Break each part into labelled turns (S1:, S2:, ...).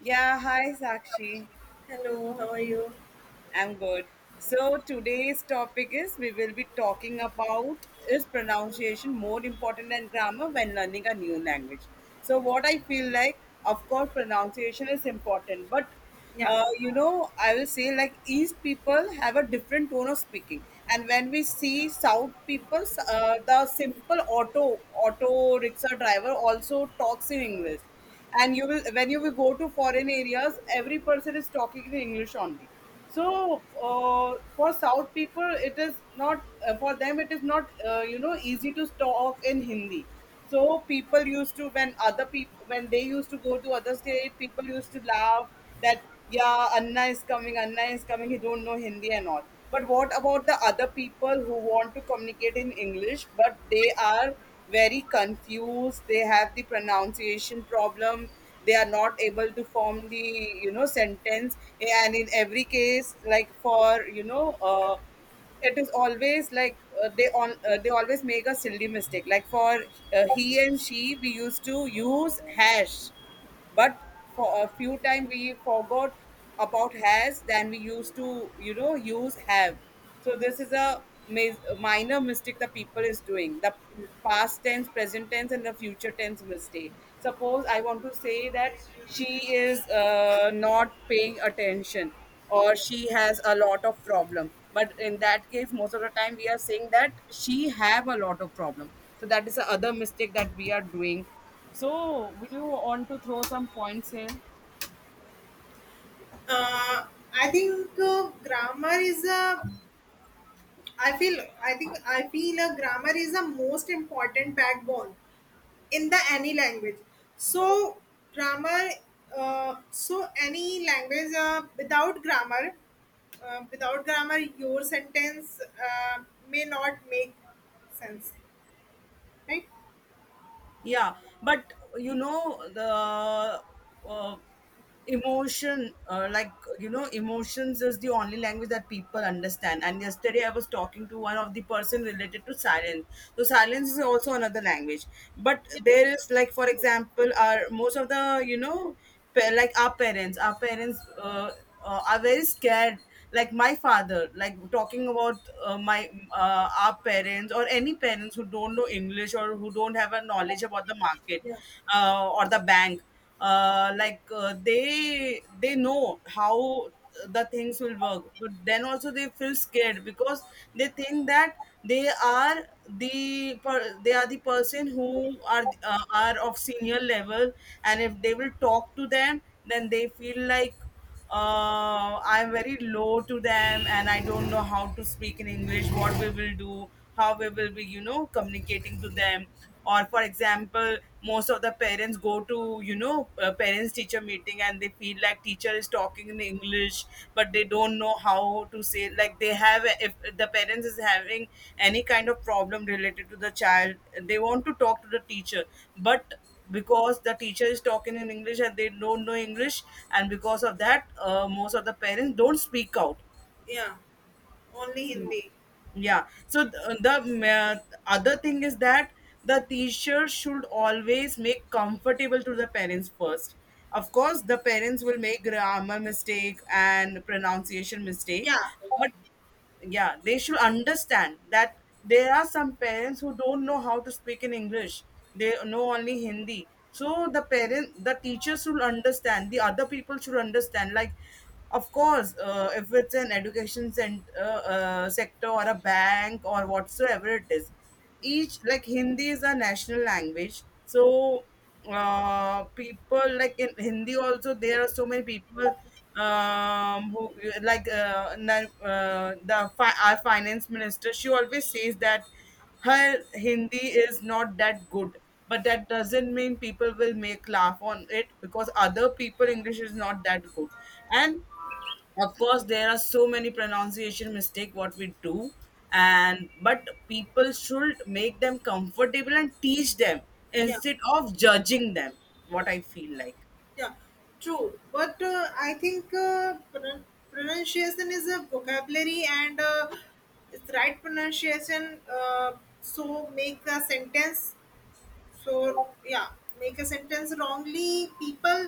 S1: Yeah, hi Sakshi.
S2: Hello, how are you?
S1: I'm good. So today's topic is we will be talking about is pronunciation more important than grammar when learning a new language. So
S2: Okay.
S1: what I feel like, of course, pronunciation is important, but
S2: Yeah.
S1: I will say like East people have a different tone of speaking. And when we see South people, the simple auto rickshaw driver also talks in English. And you will when you will go to foreign areas, every person is talking in English only. So uh, for South people it is not for them it is not easy to talk in Hindi. So people used to, when other people, when they used to go to other state, people used to laugh that, yeah, anna is coming, anna is coming, he don't know Hindi and all. But what about the other people who want to communicate in English but they are very confused, they have the pronunciation problem, they are not able to form the sentence. And in every case, like for it is always like they always make a silly mistake, like for he and she we used to use hash. But for a few time we forgot about has, than we used to use have. So this is a minor mistake the people is doing, the past tense, present tense and the future tense mistake. Suppose I want to say that she is not paying attention, or she has a lot of problem, but in that case most of the time we are saying that she have a lot of problem. So that is the other mistake that we are doing. So, would you want to throw some points here?
S2: Uh, I think grammar is a. I feel. I think. I feel a grammar is the most important backbone in the any language. So grammar. So any language without grammar, uh, without grammar, your sentence uh, may not make sense, right?
S1: Yeah, but the uh, emotion, like emotions is the only language that people understand. And yesterday I was talking to one of the person related to silence, so silence is also another language. But
S2: Yeah.
S1: there is like for example our most of the like our parents are very scared. Like my father like talking about my our parents or any parents who don't know English or who don't have a knowledge about the market,
S2: Yeah.
S1: or the bank, like they know how the things will work, but then also they feel scared because they think that they are they are the person who are of senior level. And if they will talk to them, then they feel like I'm very low to them and I don't know how to speak in English, what we will do, how we will be, communicating to them. Or, for example, most of the parents go to, parents teacher meeting, and they feel like teacher is talking in English, but they don't know how to say, like, they have, if the parents is having any kind of problem related to the child, they want to talk to the teacher. But because the teacher is talking in English and they don't know English, and because of that most of the parents don't speak out.
S2: Yeah. Only Hindi.
S1: Yeah. So the other thing is that the teacher should always make comfortable to the parents first. Of course, the parents will make grammar mistake and pronunciation mistake,
S2: Yeah.
S1: but yeah, they should understand that there are some parents who don't know how to speak in English. They know only Hindi. So the parent, the teacher should understand. The other people should understand. Like of course, if it's an education sector or a bank or whatsoever it is, each like Hindi is a national language. So people, like in Hindi also there are so many people who, our finance minister, she always says that her Hindi is not that good. But that doesn't mean people will make laugh on it because other people English is not that good. And of course there are so many pronunciation mistake what we do, and but people should make them comfortable and teach them
S2: Yeah.
S1: instead of judging them, what I feel like.
S2: Yeah, true. But I think pronunciation is a vocabulary and it's right pronunciation. So make a sentence. So yeah, make a sentence wrongly. People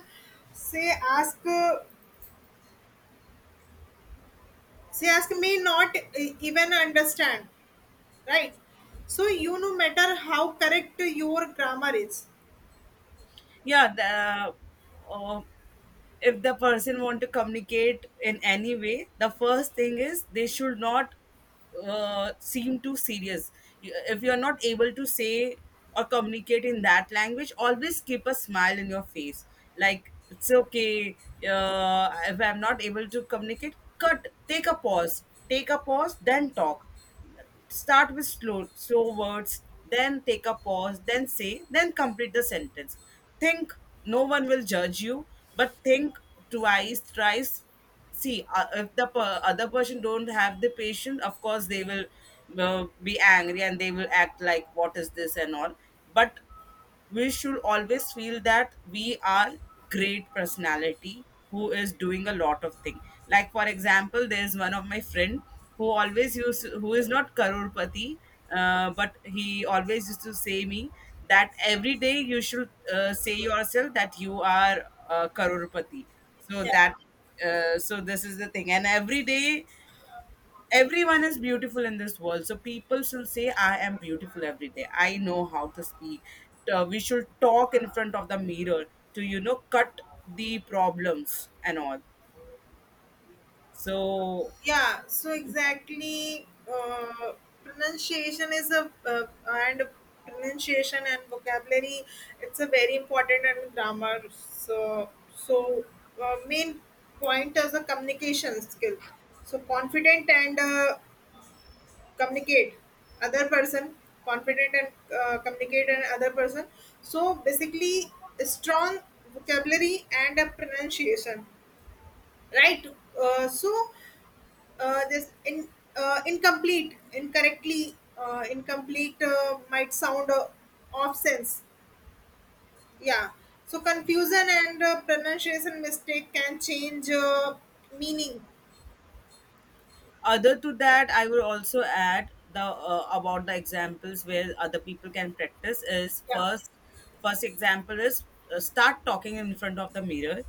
S2: say ask, uh, say ask may not even understand, right? So you no matter how correct your grammar is.
S1: Yeah, uh, if the person want to communicate in any way, the first thing is they should not seem too serious. If you're not able to say or communicate in that language, always keep a smile in your face, like it's okay. If I'm not able to communicate, cut, take a pause, take a pause, then talk. Start with slow slow words, then take a pause, then say, then complete the sentence. Think no one will judge you, but think twice, thrice. See, if the other person don't have the patience, of course they will be angry and they will act like what is this and all. But we should always feel that we are great personality who is doing a lot of thing. Like for example, there is one of my friend who who is not karorpati, but he always used to say me that every day you should say yourself that you are karorpati, so that so this is the thing. And every day, everyone is beautiful in this world, so people should say I am beautiful every day, I know how to speak. We should talk in front of the mirror to cut the problems and all. So
S2: Yeah, so exactly, uh, pronunciation is a, and pronunciation and vocabulary, it's a very important, and grammar. So main point is a communication skill. So confident and communicate other person. Confident and communicate and other person. So basically, strong vocabulary and a pronunciation, right? So this in incomplete incorrectly, incomplete might sound off sense. Yeah, so confusion and pronunciation mistake can change meaning.
S1: other to that, I would also add the about the examples where other people can practice is
S2: Yeah.
S1: first. First example is start talking in front of the mirror,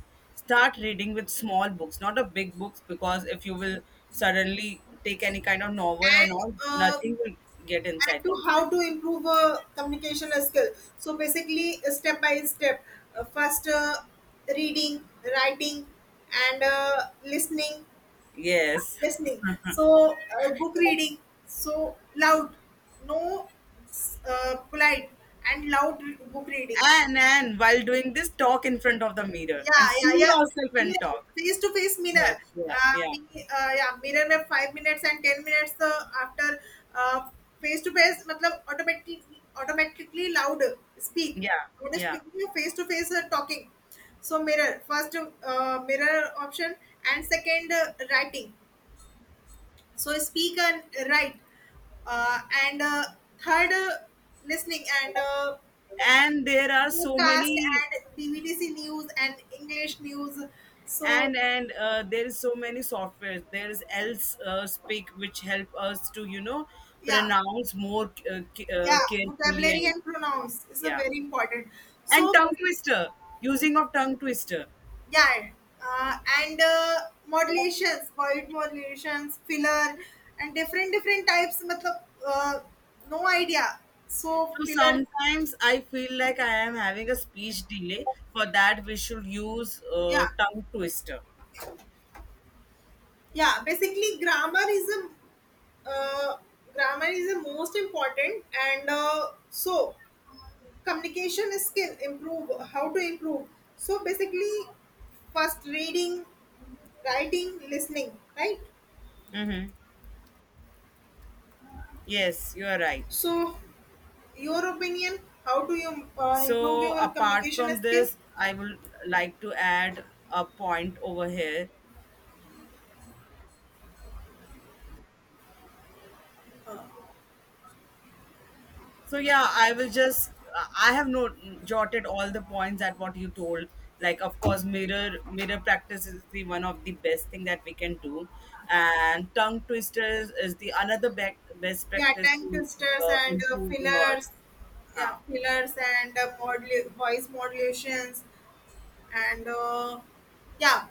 S1: start reading with small books, not a big books, because if you will suddenly take any kind of novel and
S2: and
S1: all,
S2: uh,
S1: nothing will get
S2: and
S1: inside
S2: to
S1: the mind.
S2: how to improve communication skill. So basically, step by step, first reading, writing, and listening.
S1: Yes.
S2: Listening. So book reading, so loud. No, polite and loud book reading.
S1: And while doing this, talk in front of the mirror
S2: Yeah,
S1: and see
S2: yeah, yeah.
S1: yourself and
S2: Mirror,
S1: talk.
S2: face to face mirror.
S1: Yes, yeah,
S2: uh,
S1: yeah,
S2: me, yeah, mirror में 5 minutes and 10 minutes. The after, uh, face to face मतलब automatically, automatically loud speak.
S1: yeah,
S2: What is
S1: yeah.
S2: speaking face to face, talking? So mirror first, mirror option. And second, writing. So speak and write, uh, and third, listening, and
S1: And there are so
S2: podcast
S1: many,
S2: and dvdc news and english news. So
S1: and there is so many software, there is else speak, which help us to
S2: yeah.
S1: pronounce more
S2: Yeah,
S1: carefully and
S2: vocabulary
S1: all.
S2: and
S1: Yeah,
S2: pronouns is a
S1: yeah.
S2: very important.
S1: And
S2: So
S1: tongue twister, using of tongue twister.
S2: yeah, and modulations, void modulations, filler, and different different types, matlab, no idea. So
S1: So
S2: filler,
S1: sometimes I feel like I am having a speech delay, for that we should use
S2: yeah.
S1: tongue twister.
S2: Yeah, basically grammar is a, uh, grammar is the most important, and so communication skill improve, how to improve. So basically, first reading, writing, listening, right?
S1: Mm-hmm. Yes, you are right.
S2: So your opinion, how do you improve
S1: So
S2: your
S1: apart
S2: communication
S1: from
S2: skill?
S1: this, I would like to add a point over here. So yeah, I will just I have not jotted all the points that what you told. Like of course, mirror mirror practice is the one of the best thing that we can do, and tongue twisters is the another best
S2: Yeah,
S1: practice
S2: tongue
S1: to
S2: twisters and
S1: improve your.
S2: fillers. Yeah,
S1: Huh?
S2: fillers and voice modulations, and yeah,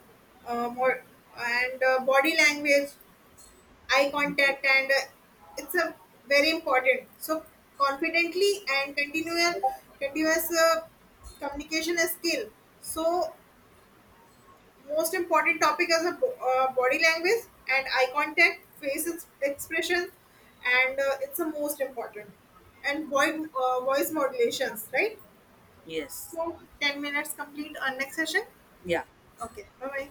S2: more, and body language, eye contact, and it's a very important. So confidently and continual, continuous communication is skill. So most important topic is a body language and eye contact, face expression, and it's the most important. And voice voice modulations, right?
S1: Yes,
S2: So 10 minutes complete on next session.
S1: yeah.
S2: Okay, bye bye.